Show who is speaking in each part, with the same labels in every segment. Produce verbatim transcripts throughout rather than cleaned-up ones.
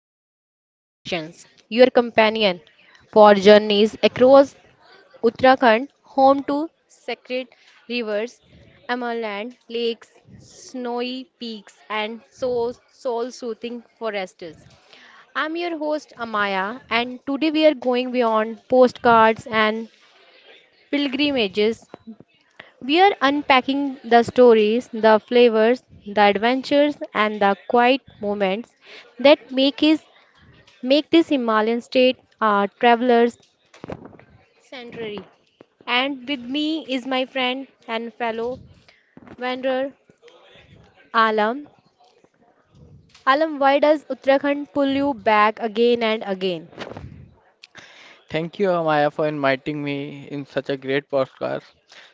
Speaker 1: Devbhoomi Destinations, your companion for journeys across Uttarakhand, home to sacred rivers, Amarland lakes, snowy peaks, and so soul-soothing forests. I'm your host Amaya, and today we are going beyond postcards and pilgrimages, we are unpacking the stories, the flavors, the adventures, and the quiet moments that make his make this Himalayan state a traveler's sanctuary. And with me is my friend and fellow wanderer Alam. Alam, why does Uttarakhand pull you back again and again?
Speaker 2: Thank you, Amaya, for inviting me in such a great podcast.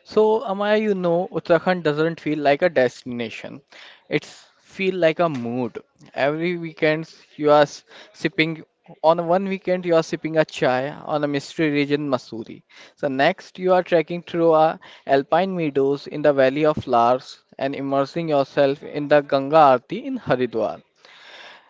Speaker 2: So, Amaya, you know, Uttarakhand doesn't feel like a destination. It's feel like a mood. Every weekend you are s- sipping on one weekend you are sipping a chai on a mystery region Masuri. So next you are trekking through a alpine meadows in the Valley of Flowers and immersing yourself in the Ganga Aarti in Haridwar.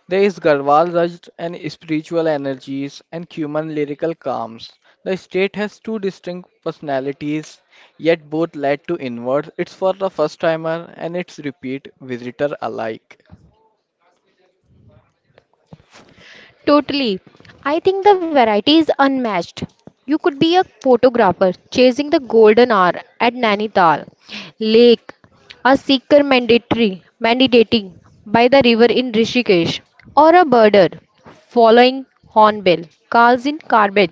Speaker 2: There is Garhwal Raj and spiritual energies and Cuman lyrical calms. The state has two distinct personalities, yet both led to inwards. It's for the first timer and it's repeat visitor alike.
Speaker 1: Totally. I think the variety is unmatched. You could be a photographer chasing the golden hour at Nainital Lake, a seeker mandatory mandating by the river in Rishikesh, or a birder following hornbill calls in Karbet,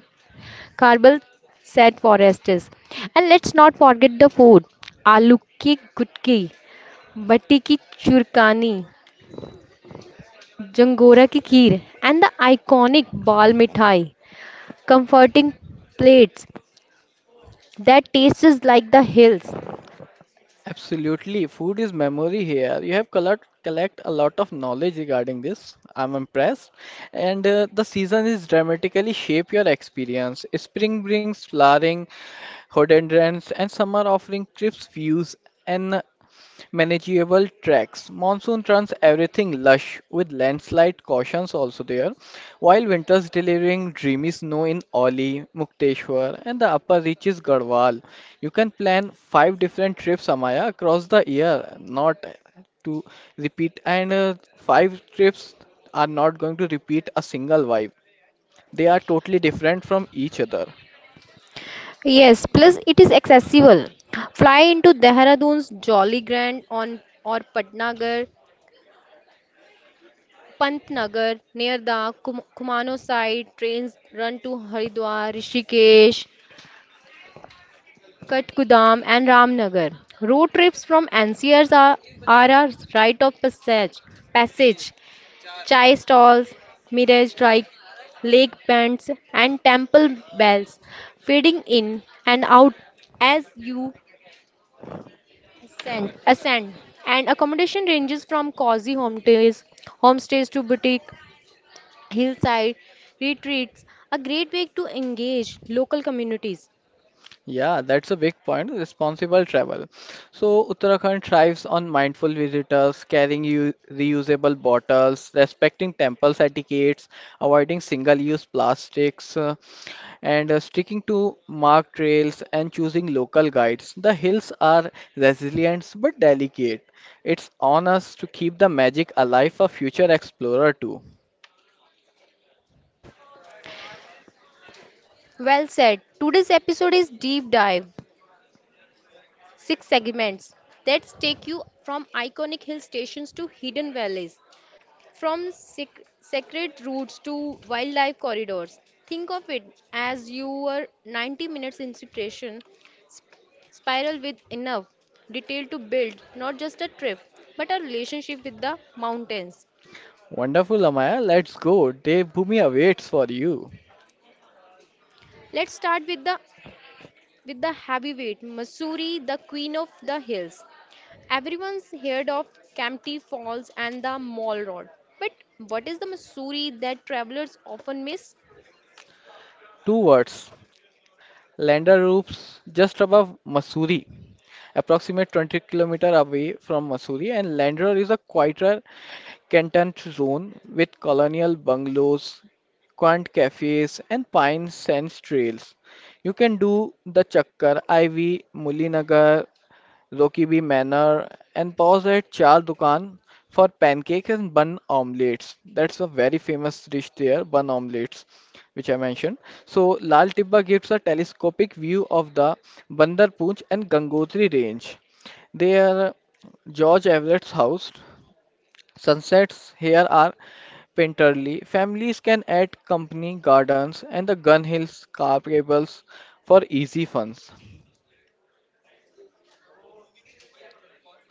Speaker 1: Karbal said Forestes. And let's not forget the food. Aloo ki gutki, batti ki churkani, jangora ki kheer, and the iconic bal mithai, comforting plates that tastes like the hills.
Speaker 2: Absolutely, food is memory here. You have collect, collect a lot of knowledge regarding this. I'm impressed. And uh, the season is dramatically shape your experience. Spring brings flowering rhododendrons and summer offering crisp views and manageable tracks. Monsoon turns everything lush with landslide cautions also there, while winters delivering dreamy snow in Oli, Mukteshwar, and the upper reaches Garhwal. You can plan five different trips, Amaya, across the year, not to repeat, and uh, five trips are not going to repeat a single vibe. They are totally different from each other.
Speaker 1: Yes, plus it is accessible. Fly into Dehradun's Jolly Grand on or Patnagar, Pantnagar near the Kum- Kumano side. Trains run to Haridwar, Rishikesh, Kathgudam and Ramnagar. Road trips from N C Rs are, are a rite of passage. Passage. Chai stalls, mirage like lake bands and temple bells fading in and out as you Ascent. Ascend. And accommodation ranges from cozy homestays, homestays to boutique hillside retreats, a great way to engage local communities.
Speaker 2: Yeah, that's a big point. Responsible travel. So, Uttarakhand thrives on mindful visitors, carrying u- reusable bottles, respecting temple etiquettes, avoiding single-use plastics, uh, and uh, sticking to marked trails and choosing local guides. The hills are resilient but delicate. It's on us to keep the magic alive for future explorer too.
Speaker 1: Well said. Today's episode is deep dive, six segments that take you from iconic hill stations to hidden valleys, from sec- sacred routes to wildlife corridors. Think of it as your ninety minutes instruction sp- spiral with enough detail to build not just a trip but a relationship with the mountains.
Speaker 2: Wonderful, Amaya. Let's go. Devbhoomi awaits for you.
Speaker 1: Let's start with the with the heavyweight Missouri, the queen of the hills. Everyone's heard of Campty Falls and the Mall Road, but what is the Missouri that travelers often miss?
Speaker 2: Two words. Lander roofs just above Mussoorie, approximately twenty kilometers away from Mussoorie, and Lander is a quieter Canton zone with colonial bungalows, quaint cafes, and pine sands trails. You can do the Chakkar, Ivy, Mullinagar, Lokibi Manor, and pause at Char Dukan for pancakes and bun omelets. That's a very famous dish there, bun omelets, which I mentioned. So Lal Tibba gives a telescopic view of the Bandar Punj and Gangotri range. Their George Everett's house. Sunsets here are painterly. Families can add company gardens and the Gun Hills car cables for easy funs.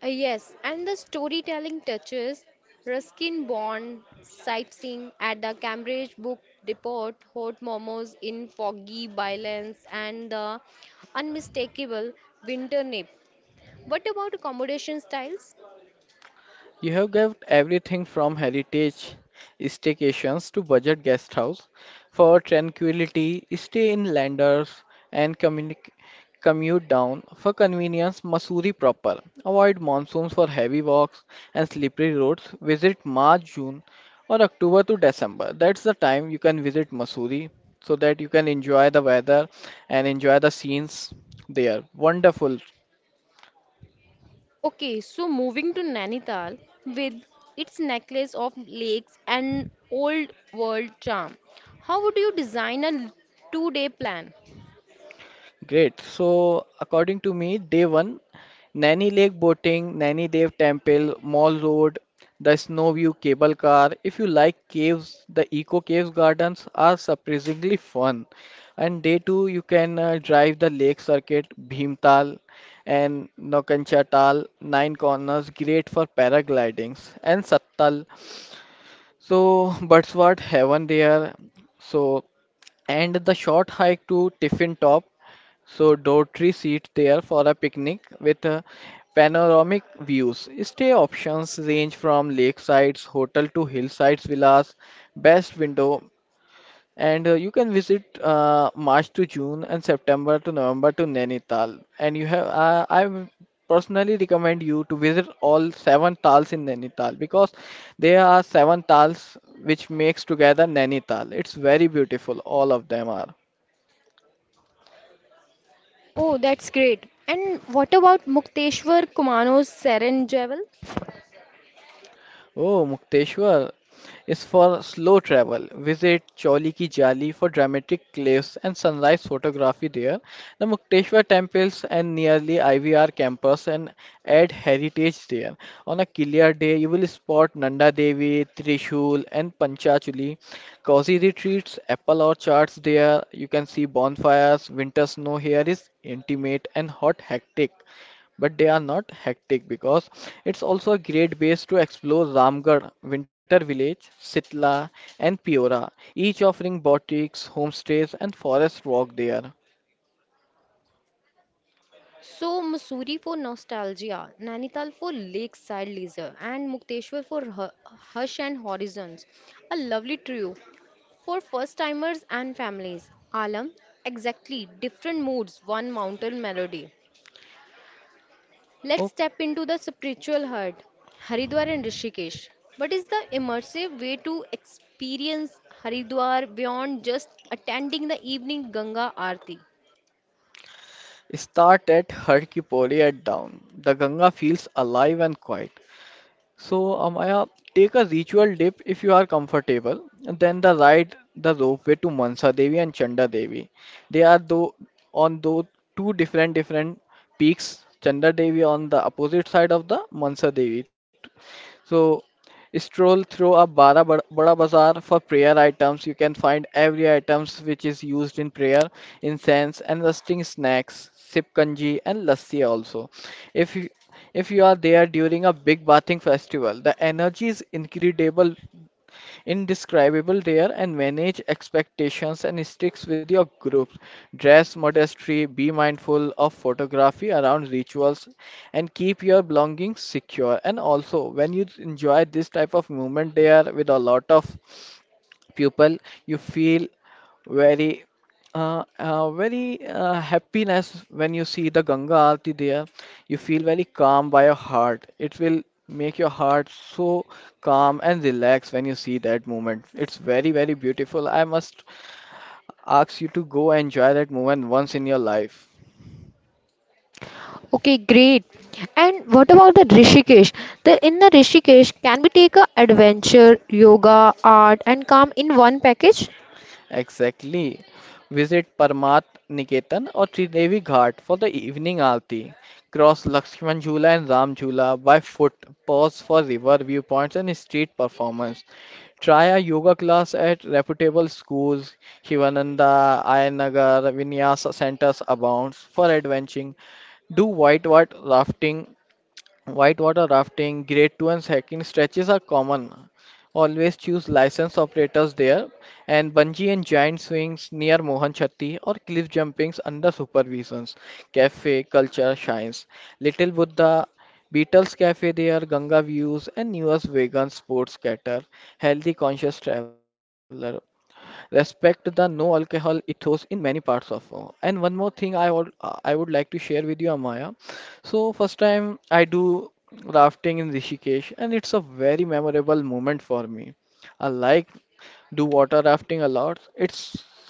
Speaker 1: Uh, yes, and the storytelling touches, Ruskin Bond sightseeing at the Cambridge Book Depot, hot momos in foggy violence, and the unmistakable winter nip. What about accommodation styles?
Speaker 2: You have got everything from heritage staycations to budget guest house for tranquility, stay in landers and communi- commute down for convenience Mussoorie proper. Avoid monsoons for heavy walks and slippery roads. Visit March, June or October to December. That's the time you can visit Mussoorie so that you can enjoy the weather and enjoy the scenes there. Wonderful.
Speaker 1: Okay, so moving to Nainital with its necklace of lakes and old world charm. How would you design a two day plan?
Speaker 2: Great. So, according to me, day one, Naini Lake boating, Naini Dev Temple, Mall Road, the Snow View cable car. If you like caves, the Eco Caves gardens are surprisingly fun. And day two, you can uh, drive the lake circuit, Bhimtal and Nokancha Nine Corners, great for paraglidings, and Sattal. So, Birdswat Heaven there. So, and the short hike to Tiffin Top. So Daughtry sit there for a picnic with uh, panoramic views. Stay options range from lakesides, hotel to hillsides villas, best window, and uh, you can visit uh, March to June and September to November to Nainital. And you have uh, I w- personally recommend you to visit all seven tals in Nainital because there are seven tals which makes together Nainital. It's very beautiful. All of them are.
Speaker 1: Oh, that's great. And what about Mukteshwar Kumano's Seren Jewel?
Speaker 2: Oh, Mukteshwar is for slow travel. Visit Choli Ki Jali for dramatic cliffs and sunrise photography there. The Mukteshwar temples and nearly I V R campus and add heritage there. On a clear day, you will spot Nanda Devi, Trishul, and Panchachuli. Cozy retreats, apple orchards there. You can see bonfires. Winter snow here is intimate and hot hectic but they are not hectic because it's also a great base to explore Ramgarh, Winter Village, Sitla, and Peora, each offering boutiques, homestays, and forest walk there.
Speaker 1: So, Mussoorie for nostalgia, Nainital for lakeside leisure, and Mukteshwar for hu- hush and horizons. A lovely trio for first timers and families. Alam, exactly, different moods, one mountain melody. Let's
Speaker 2: Oh,
Speaker 1: step into the spiritual heart, Haridwar and Rishikesh. What is the immersive way to experience Haridwar beyond just attending the evening Ganga Aarti?
Speaker 2: start at Har Ki Pauri at dawn. The Ganga feels alive and quiet. So, Amaya, take a ritual dip if you are comfortable, and then the ride the ropeway to Mansa Devi and Chanda Devi. They are though on though two different different peaks. Chanda Devi on the opposite side of the Mansa Devi. So stroll through a Bara Bada Bada Bazaar for prayer items. You can find every items which is used in prayer, incense and rusting snacks, sip kanji and lassi also. If you if you are there during a big bathing festival, the energy is incredible indescribable there and manage expectations and sticks with your group. Dress modestly, be mindful of photography around rituals and keep your belongings secure. And also when you enjoy this type of movement there with a lot of people you feel very uh, uh, very uh, happiness when you see the Ganga Aarti there. You feel very calm by your heart. It will make your heart so calm and relaxed when you see that moment. It's very, very beautiful. I must ask you to go enjoy that moment once in your life.
Speaker 1: Okay, great. And what about the Rishikesh? The in the Rishikesh, can we take a adventure, yoga, art, and calm in one package?
Speaker 2: Exactly. Visit Parmat Niketan or Tridevi Ghat for the evening aarti. Cross Lakshman Jhula and Ram Jhula by foot. Pause for river viewpoints and street performance. Try a yoga class at reputable schools. Hivananda, Ayanagar, Vinyasa centers abounds for adventuring. Do whitewater rafting Whitewater rafting, grade two and hiking stretches are common. Always choose licensed operators there and bungee and giant swings near Mohan Chatti or cliff jumpings under supervisions. Cafe culture shines. Little Buddha, Beatles Cafe there, Ganga views and newest vegan sports cater. Healthy conscious traveler respect the no alcohol ethos in many parts of uh, and one more thing I would uh, i would like to share with you, Amaya, so first time I do rafting in Rishikesh and it's a very memorable moment for me. I like do water rafting a lot. It's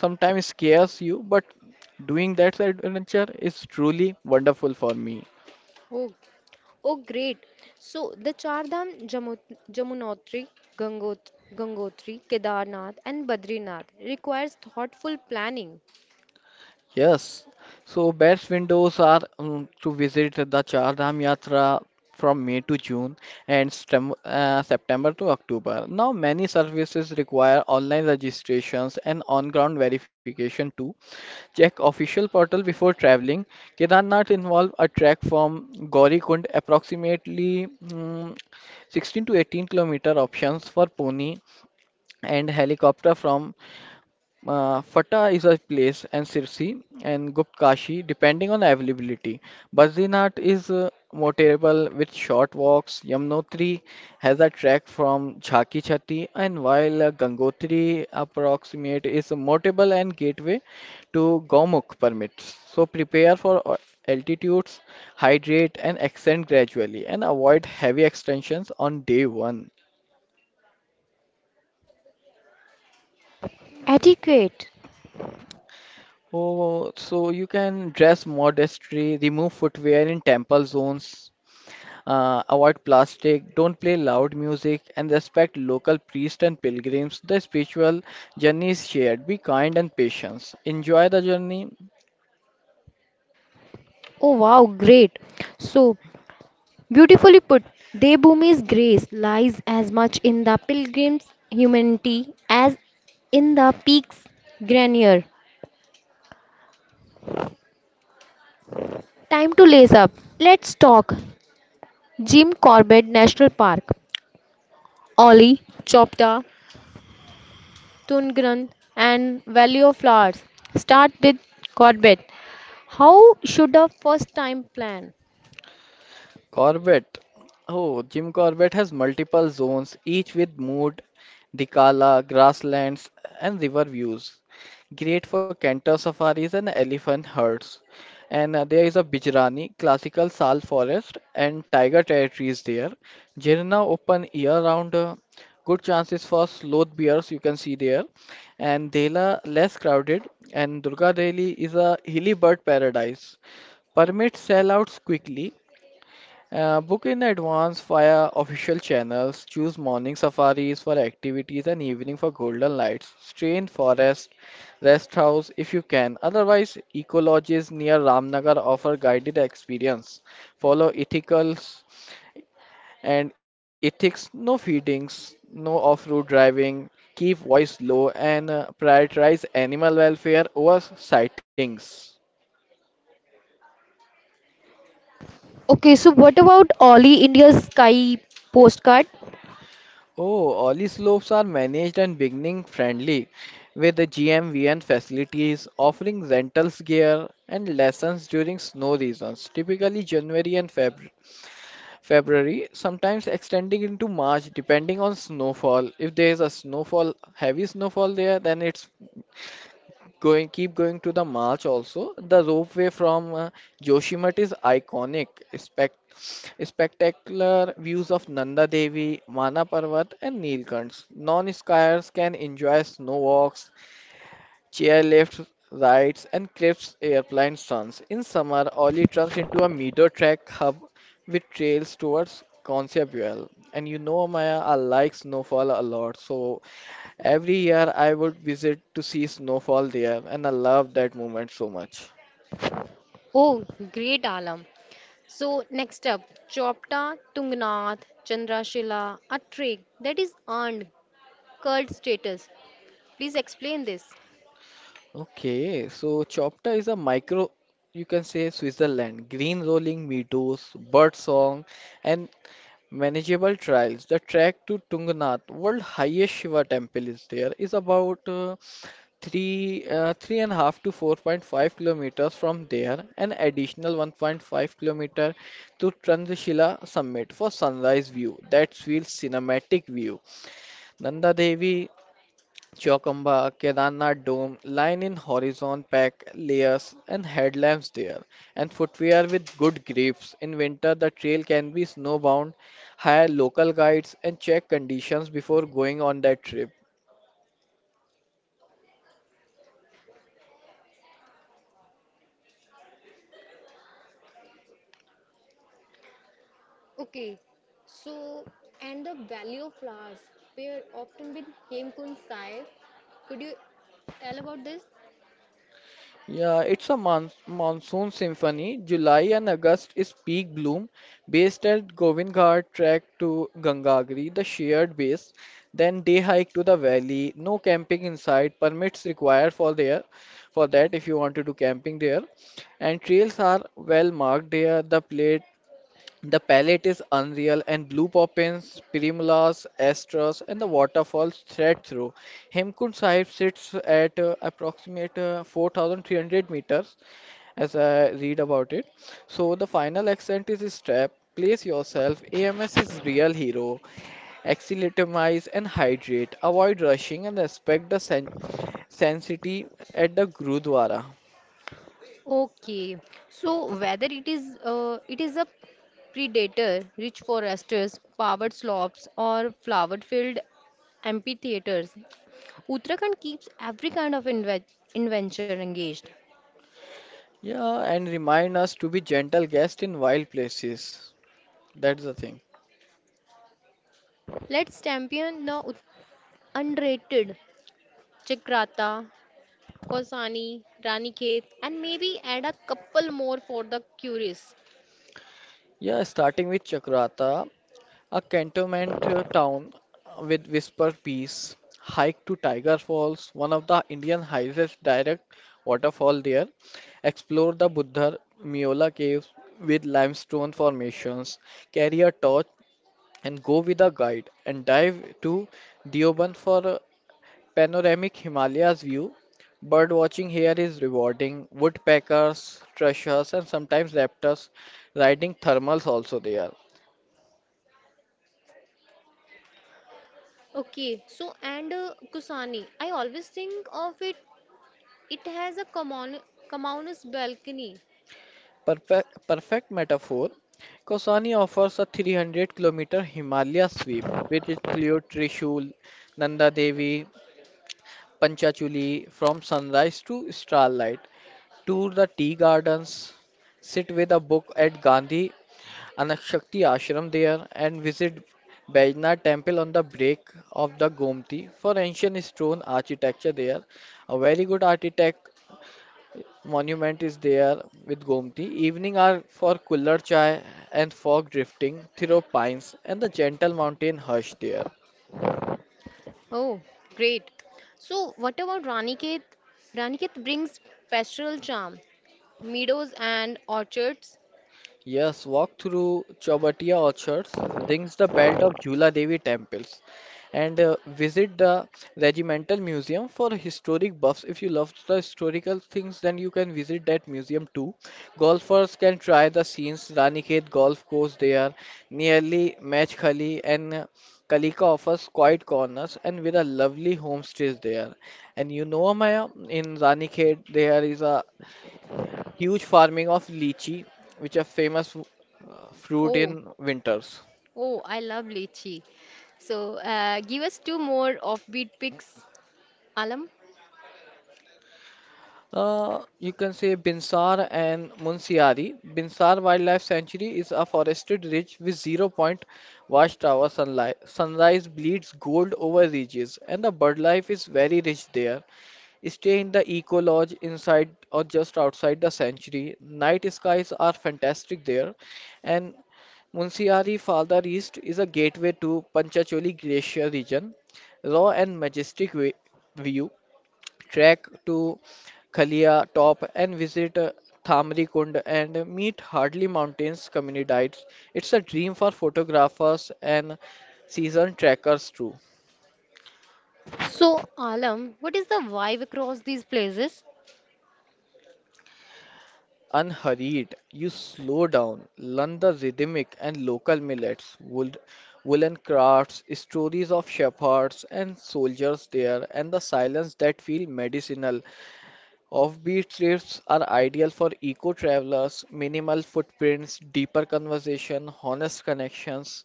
Speaker 2: sometimes scares you but doing that adventure is truly wonderful for me.
Speaker 1: Oh, oh, great. So the Char Dham Jamut- Jamunotri, Gangot- Gangotri, Kedarnath, and Badrinath requires thoughtful planning.
Speaker 2: Yes, so best windows are um, to visit the Char Dham Yatra from May to June and stem, uh, September to October. Now, many services require online registrations and on-ground verification too. Check official portal before traveling. Kedarnath involve a trek from Gaurikund, approximately mm, sixteen to eighteen kilometer options for pony and helicopter from uh, Fata is a place and Sirsi and Guptkashi depending on availability. Badrinath is uh, more terrible with short walks. Yamnotri has a track from Jhaki Chhati and while uh, Gangotri approximate is a motable and gateway to Gomukh permits. So prepare for o- altitudes, hydrate and ascend gradually and avoid heavy extensions on day one.
Speaker 1: Adequate.
Speaker 2: Oh, so you can dress modestly, remove footwear in temple zones, uh, avoid plastic, don't play loud music, and respect local priests and pilgrims. The spiritual journey is shared. Be kind and patient. Enjoy the journey.
Speaker 1: Oh, wow, great. So beautifully put, Devbhumi's grace lies as much in the pilgrim's humanity as in the peak's grandeur. Time to lace up. Let's talk. Jim Corbett National Park. Ollie, Chopta, Tungren and Valley of Flowers. Start with Corbett. How should a first time plan?
Speaker 2: Corbett. Oh, Jim Corbett has multiple zones, each with mood, Dikala, grasslands, and river views. Great for canter safaris and elephant herds. And uh, there is a Bijrani, classical sal forest, and tiger territories there. Jirna open year-round. Uh, good chances for sloth bears you can see there. And Dela less crowded. And Durga Deli is a hilly bird paradise. Permits sell out quickly, uh, book in advance via official channels. Choose morning safaris for activities and evening for golden lights. Stay in forest, rest house if you can. Otherwise, eco lodges near Ramnagar offer guided experience. Follow ethicals and ethics. No feedings, no off-road driving. Keep voice low and uh, prioritize animal welfare over sightings.
Speaker 1: Okay, so what about Ollie, India's Sky postcard?
Speaker 2: Oh, Ollie slopes are managed and beginning friendly, with the G M V N facilities offering rentals gear and lessons during snow seasons, typically January and February. February, sometimes extending into March depending on snowfall. If there is a snowfall, heavy snowfall there, then it's Going, keep going to the march also. The ropeway from uh, Joshimath is iconic. Spect spectacular views of Nanda Devi, Mana Parvat, and Neelkants. Non-skiers can enjoy snow walks, chairlift rides, and cliffs airplane stunts. In summer, Oli turns into a meadow track hub with trails towards Concebuel. And you know, Maya, I like snowfall a lot, so every year I would visit to see snowfall there, and I love that moment so much.
Speaker 1: Oh, great Alam. So next up, Chopta, Tungnath, Chandrashila, a trick that is earned cult status. Please explain this.
Speaker 2: Okay, so Chopta is a micro, you can say Switzerland. Green rolling meadows, bird song, and manageable trials. The trek to Tungnath, world highest Shiva temple, is there, is about uh, three uh, three and a half to four point five kilometers from there, an additional one point five kilometer to Trandrashila summit for sunrise view. That feels cinematic view. Nanda Devi Chokomba, Kedarnath Dome, line in horizon pack layers and headlamps there, and footwear with good grips. In winter, the trail can be snowbound. Hire local guides and check conditions before going on that trip.
Speaker 1: Okay, so and the Valley of flowers pair often with Hemkun Sai. Could you tell about this?
Speaker 2: Yeah, it's a mon monsoon symphony. July and August is peak bloom, based at Govindghat trek to Gangagri, the shared base. Then day hike to the valley. No camping inside. Permits required for there, for that if you want to do camping there. And trails are well marked there. The pla the palette is unreal, and blue poppins, primulas, astras, and the waterfalls thread through. Hemkund Sahib sits at uh, approximate uh, four thousand three hundred meters, as I read about it. So the final accent is strap. Place yourself. A M S is real hero. Axilatomize and hydrate. Avoid rushing and respect the sen- sanctity at the Gurudwara.
Speaker 1: Okay, so whether it is uh, it is a predator, rich foresters, powered slopes, or flower-filled amphitheaters, Uttarakhand keeps every kind of inve adventure engaged.
Speaker 2: Yeah, and remind us to be gentle guests in wild places. That's the thing.
Speaker 1: Let's champion the ut- unrated Chakrata, Kosani, Ranikhet, and maybe add a couple more for the curious.
Speaker 2: Yeah, starting with Chakrata, a cantonment uh, town with whisper peace. Hike to Tiger Falls, one of the Indian highest direct waterfall there. Explore the Buddha Miola caves with limestone formations. Carry a torch and go with a guide and dive to Deoband for a panoramic Himalayas view. Bird watching here is rewarding. Woodpeckers, thrushes, and sometimes raptors riding thermals also there.
Speaker 1: Okay, so and uh, Kusani, I always think of it. It has a common, communist balcony.
Speaker 2: Perfect, perfect metaphor. Kosani offers a three hundred kilometer Himalaya sweep, which includes Trishul, Nanda Devi, Panchachuli from sunrise to starlight. Tour the tea gardens, sit with a book at Gandhi Anakshakti Ashram there, and visit Baijnath temple on the break of the Gomti for ancient stone architecture there. A very good architect monument is there with Gomti. Evening are for cooler chai and fog drifting through pines and the gentle mountain hush there.
Speaker 1: Oh, great. So, what about Raniket? Raniket brings pastoral charm, meadows and orchards.
Speaker 2: Yes, walk through Chowbatiya orchards, rings the belt of Jula Devi temples, and uh, visit the Regimental Museum for historic buffs. If you love the historical things, then you can visit that museum too. Golfers can try the scenes, Ranikhet Golf Course there, nearly Match Khali, and uh, Kalika offers quiet corners and with a lovely homestays there. And you know, Maya, in Ranikhet there is a huge farming of lychee, which are famous uh, fruit
Speaker 1: Oh,
Speaker 2: in winters.
Speaker 1: oh, I love lychee. So, uh, give us two more offbeat picks, Alam.
Speaker 2: Uh, you can say Binsar and Munsiari. Binsar Wildlife Sanctuary is a forested ridge with zero point watchtower sunlight. Sunrise bleeds gold over ridges, and the bird life is very rich there. Stay in the eco lodge inside or just outside the sanctuary. Night skies are fantastic there, and Munsiyari farther east is a gateway to Panchacholi Glacier region. Raw and majestic vi- view. Trek to Kalia Top and visit uh, Thamri Kund and meet Hardly Mountains community diets. It's a dream for photographers and season trekkers too.
Speaker 1: So, Alam, what is the vibe across these places?
Speaker 2: Unhurried, you slow down, learn the rhythmic and local millets, wool, woolen crafts, stories of shepherds and soldiers there, and the silence that feel medicinal. Offbeat trips are ideal for eco travelers, minimal footprints, deeper conversation, honest connections,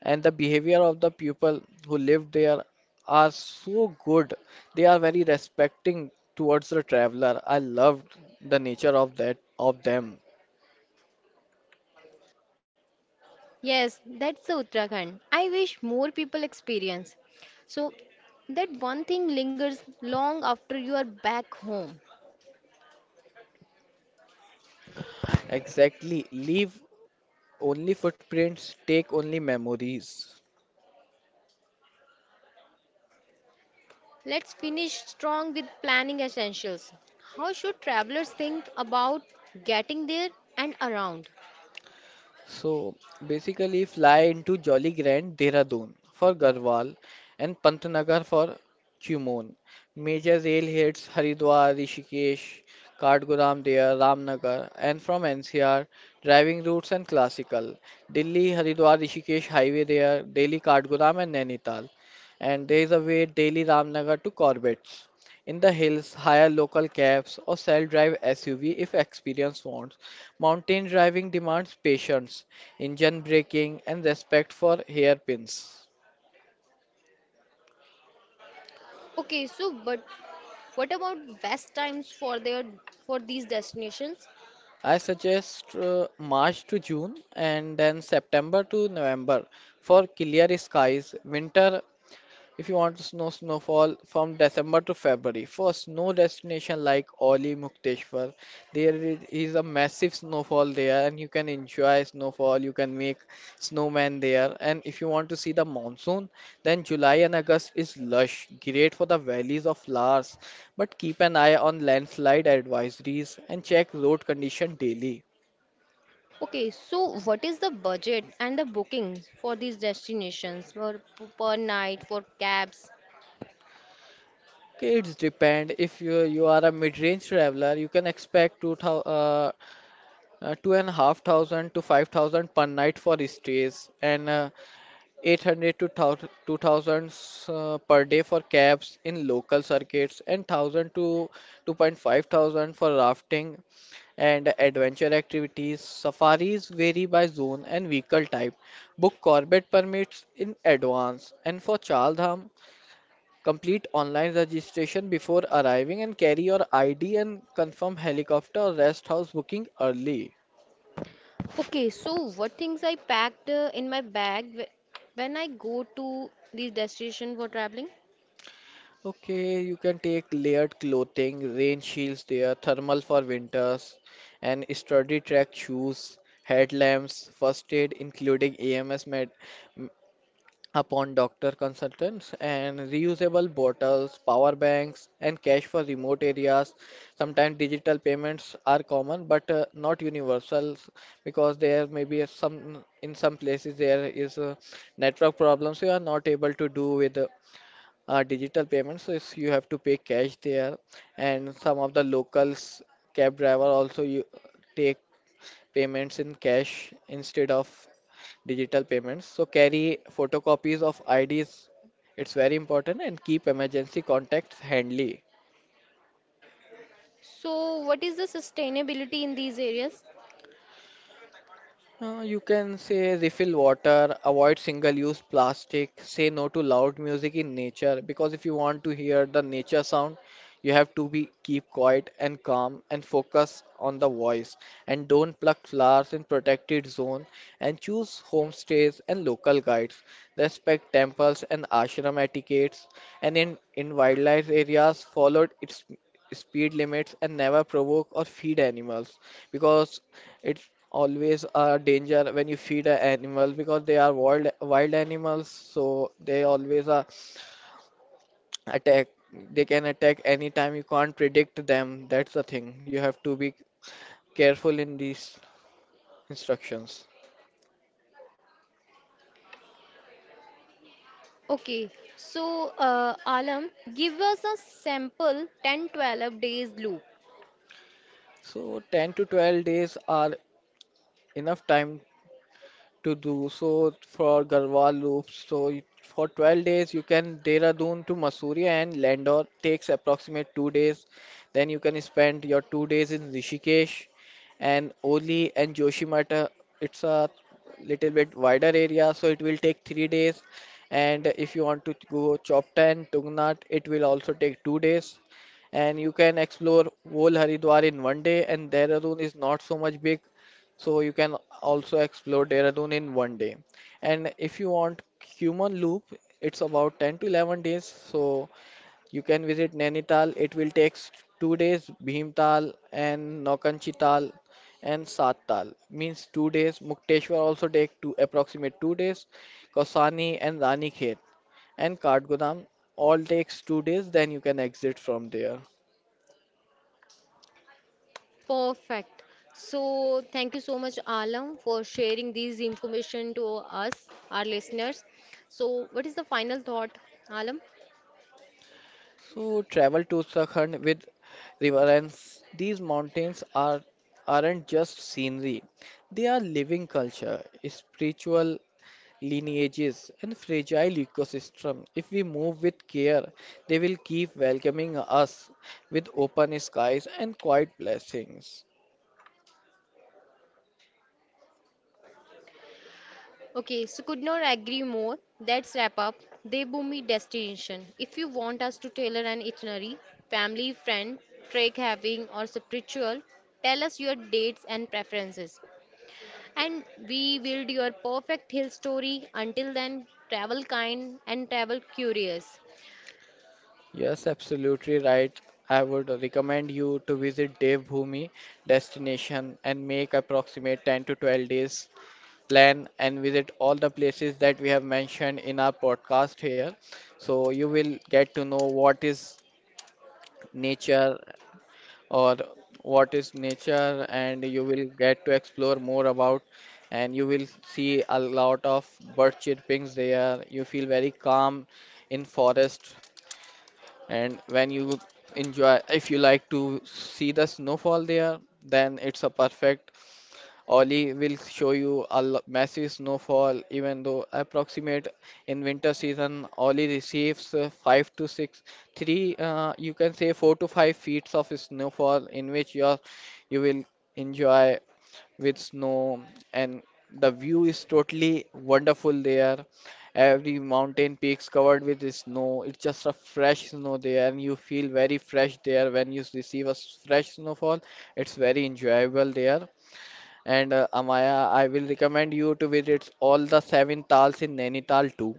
Speaker 2: and the behavior of the people who live there are so good. They are very respecting towards the traveler. I loved the nature of that of them.
Speaker 1: Yes, that's the Uttarakhand. I wish more people experience. So, that one thing lingers long after you are back home.
Speaker 2: Exactly. Leave only footprints, take only memories.
Speaker 1: Let's finish strong with planning essentials. How should travelers think about getting there and around?
Speaker 2: So basically, fly into Jolly Grand Dehradun for Garhwal and Pantnagar for Qumon. Major rail heads Haridwar, Rishikesh, Kathgodam there, Ramnagar, and from N C R, driving routes and classical. Delhi, Haridwar, Rishikesh highway there, Delhi, Kathgodam, and Nainital. And there is a way Delhi, Ramnagar to Corbett's. In the hills, hire local cabs or self-drive S U V if experience wants. Mountain driving demands patience, engine braking, and respect for hairpins.
Speaker 1: Okay, so but what about best times for their for these destinations?
Speaker 2: I suggest uh, March to June and then September to November for clear skies. Winter, if you want to snow snowfall from December to February, for snow destination like Oli Mukteshwar, there is is a massive snowfall there, and you can enjoy snowfall. You can make snowmen there, and if you want to see the monsoon, then July and August is lush, great for the valleys of flowers. But keep an eye on landslide advisories and check road condition daily.
Speaker 1: Okay, so what is the budget and the bookings for these destinations per, per night for cabs?
Speaker 2: Okay, it's depend. If you you are a mid-range traveler, you can expect two thousand, uh, uh, two and a half thousand to five thousand per night for stays and uh, eight hundred to two thousand uh, per day for cabs in local circuits and one thousand to two point five thousand for rafting and adventure activities. Safaris vary by zone and vehicle type. Book corvette permits in advance, and for chaldham complete online registration before arriving and carry your id and confirm helicopter or rest house booking early.
Speaker 1: Okay, so what things I packed uh, in my bag wh- when I go to these destinations for traveling?
Speaker 2: Okay, you can take layered clothing, rain shields there, thermal for winters, and sturdy track shoes, headlamps, first aid including A M S med m- upon doctor consultants, and reusable bottles, power banks, and cash for remote areas. Sometimes digital payments are common but uh, not universal because there may be a some in some places there is a network problem, so you are not able to do with uh, uh, digital payments so it's- you have to pay cash there, and some of the locals cab driver also you take payments in cash instead of digital payments, so carry photocopies of I Ds. It's very important, and keep emergency contacts handy.
Speaker 1: So what is the sustainability in these areas?
Speaker 2: Uh, you can say refill water, avoid single-use plastic, say no to loud music in nature because if you want to hear the nature sound, you have to be keep quiet and calm and focus on the voice, and don't pluck flowers in protected zone, and choose homestays and local guides. Respect temples and ashram etiquettes, and in, in wildlife areas follow its speed limits and never provoke or feed animals because it's always a danger when you feed an animal because they are wild wild animals, so they always are attack. They can attack anytime. You can't predict them. That's the thing. You have to be careful in these instructions.
Speaker 1: Okay, so uh, Alam, give us a sample ten twelve days loop.
Speaker 2: So ten to twelve days are enough time to do so for Garhwal loops. So you- for twelve days you can Dehradun to Mussoorie and Landor takes approximate two days. Then you can spend your two days in Rishikesh and Oli and Joshimata. It's a little bit wider area so it will take three days. And if you want to go Chopta and Tungnath it will also take two days, and you can explore whole Haridwar in one day, and Dehradun is not so much big, so you can also explore Dehradun in one day. And if you want human loop, it's about ten to eleven days. So you can visit Nainital. It will take two days, Bhimtal and Naukanchital and Sattal means two days. Mukteshwar also take two approximate two days. Kausani and Ranikhet and Kathgodam all takes two days. Then you can exit from there.
Speaker 1: Perfect. So, thank you so much, Alam, for sharing these information to us, our listeners. So, what is the final thought, Alam?
Speaker 2: So travel to Uttarakhand with reverence. These mountains are aren't just scenery. They are living culture, spiritual lineages and fragile ecosystem. If we move with care, they will keep welcoming us with open skies and quiet blessings.
Speaker 1: Okay, so could not agree more. That's wrap up. Devbhoomi destination. If you want us to tailor an itinerary, family, friend, trek having, or spiritual, tell us your dates and preferences. And we build your perfect hill story. Until then, travel kind and travel curious.
Speaker 2: Yes, absolutely right. I would recommend you to visit Dev Bhumi destination and make approximate ten to twelve days plan and visit all the places that we have mentioned in our podcast here. So you will get to know what is nature or what is nature, and you will get to explore more about, and you will see a lot of bird chirpings there. You feel very calm in forest, and when you enjoy, if you like to see the snowfall there, then it's a perfect. Oli will show you a l- massive snowfall, even though approximate in winter season, Oli receives uh, five to six, three, uh, you can say four to five feet of snowfall, in which you you will enjoy with snow, and the view is totally wonderful there. Every mountain peaks covered with the snow. It's just a fresh snow there, and you feel very fresh there when you receive a s- fresh snowfall. It's very enjoyable there. And uh, Amaya, I will recommend you to visit all the seven tals in Nainital too,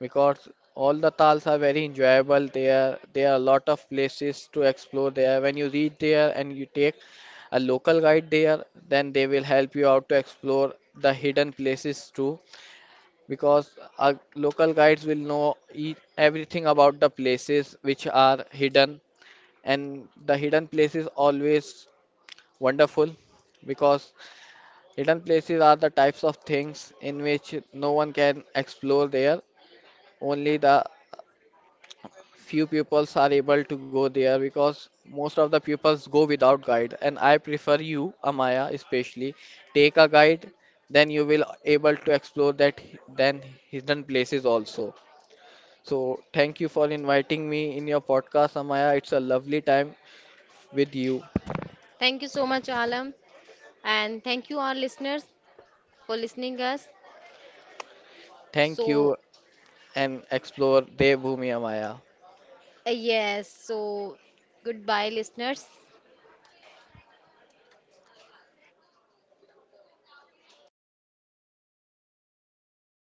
Speaker 2: because all the tals are very enjoyable there. There are a lot of places to explore there. When you reach there and you take a local guide there, then they will help you out to explore the hidden places too, because our local guides will know e everything about the places which are hidden, and the hidden places always wonderful because hidden places are the types of things in which no one can explore there. Only the few pupils are able to go there because most of the pupils go without guide. And I prefer you, Amaya, especially take a guide, then you will able to explore that hi- then hidden places also. So thank you for inviting me in your podcast, Amaya. It's a lovely time with you.
Speaker 1: Thank you so much, Alam. And thank you, our listeners, for listening us.
Speaker 2: Thank
Speaker 1: So,
Speaker 2: you and explore Devbhoomi, Amaya.
Speaker 1: uh, yes, so goodbye, listeners.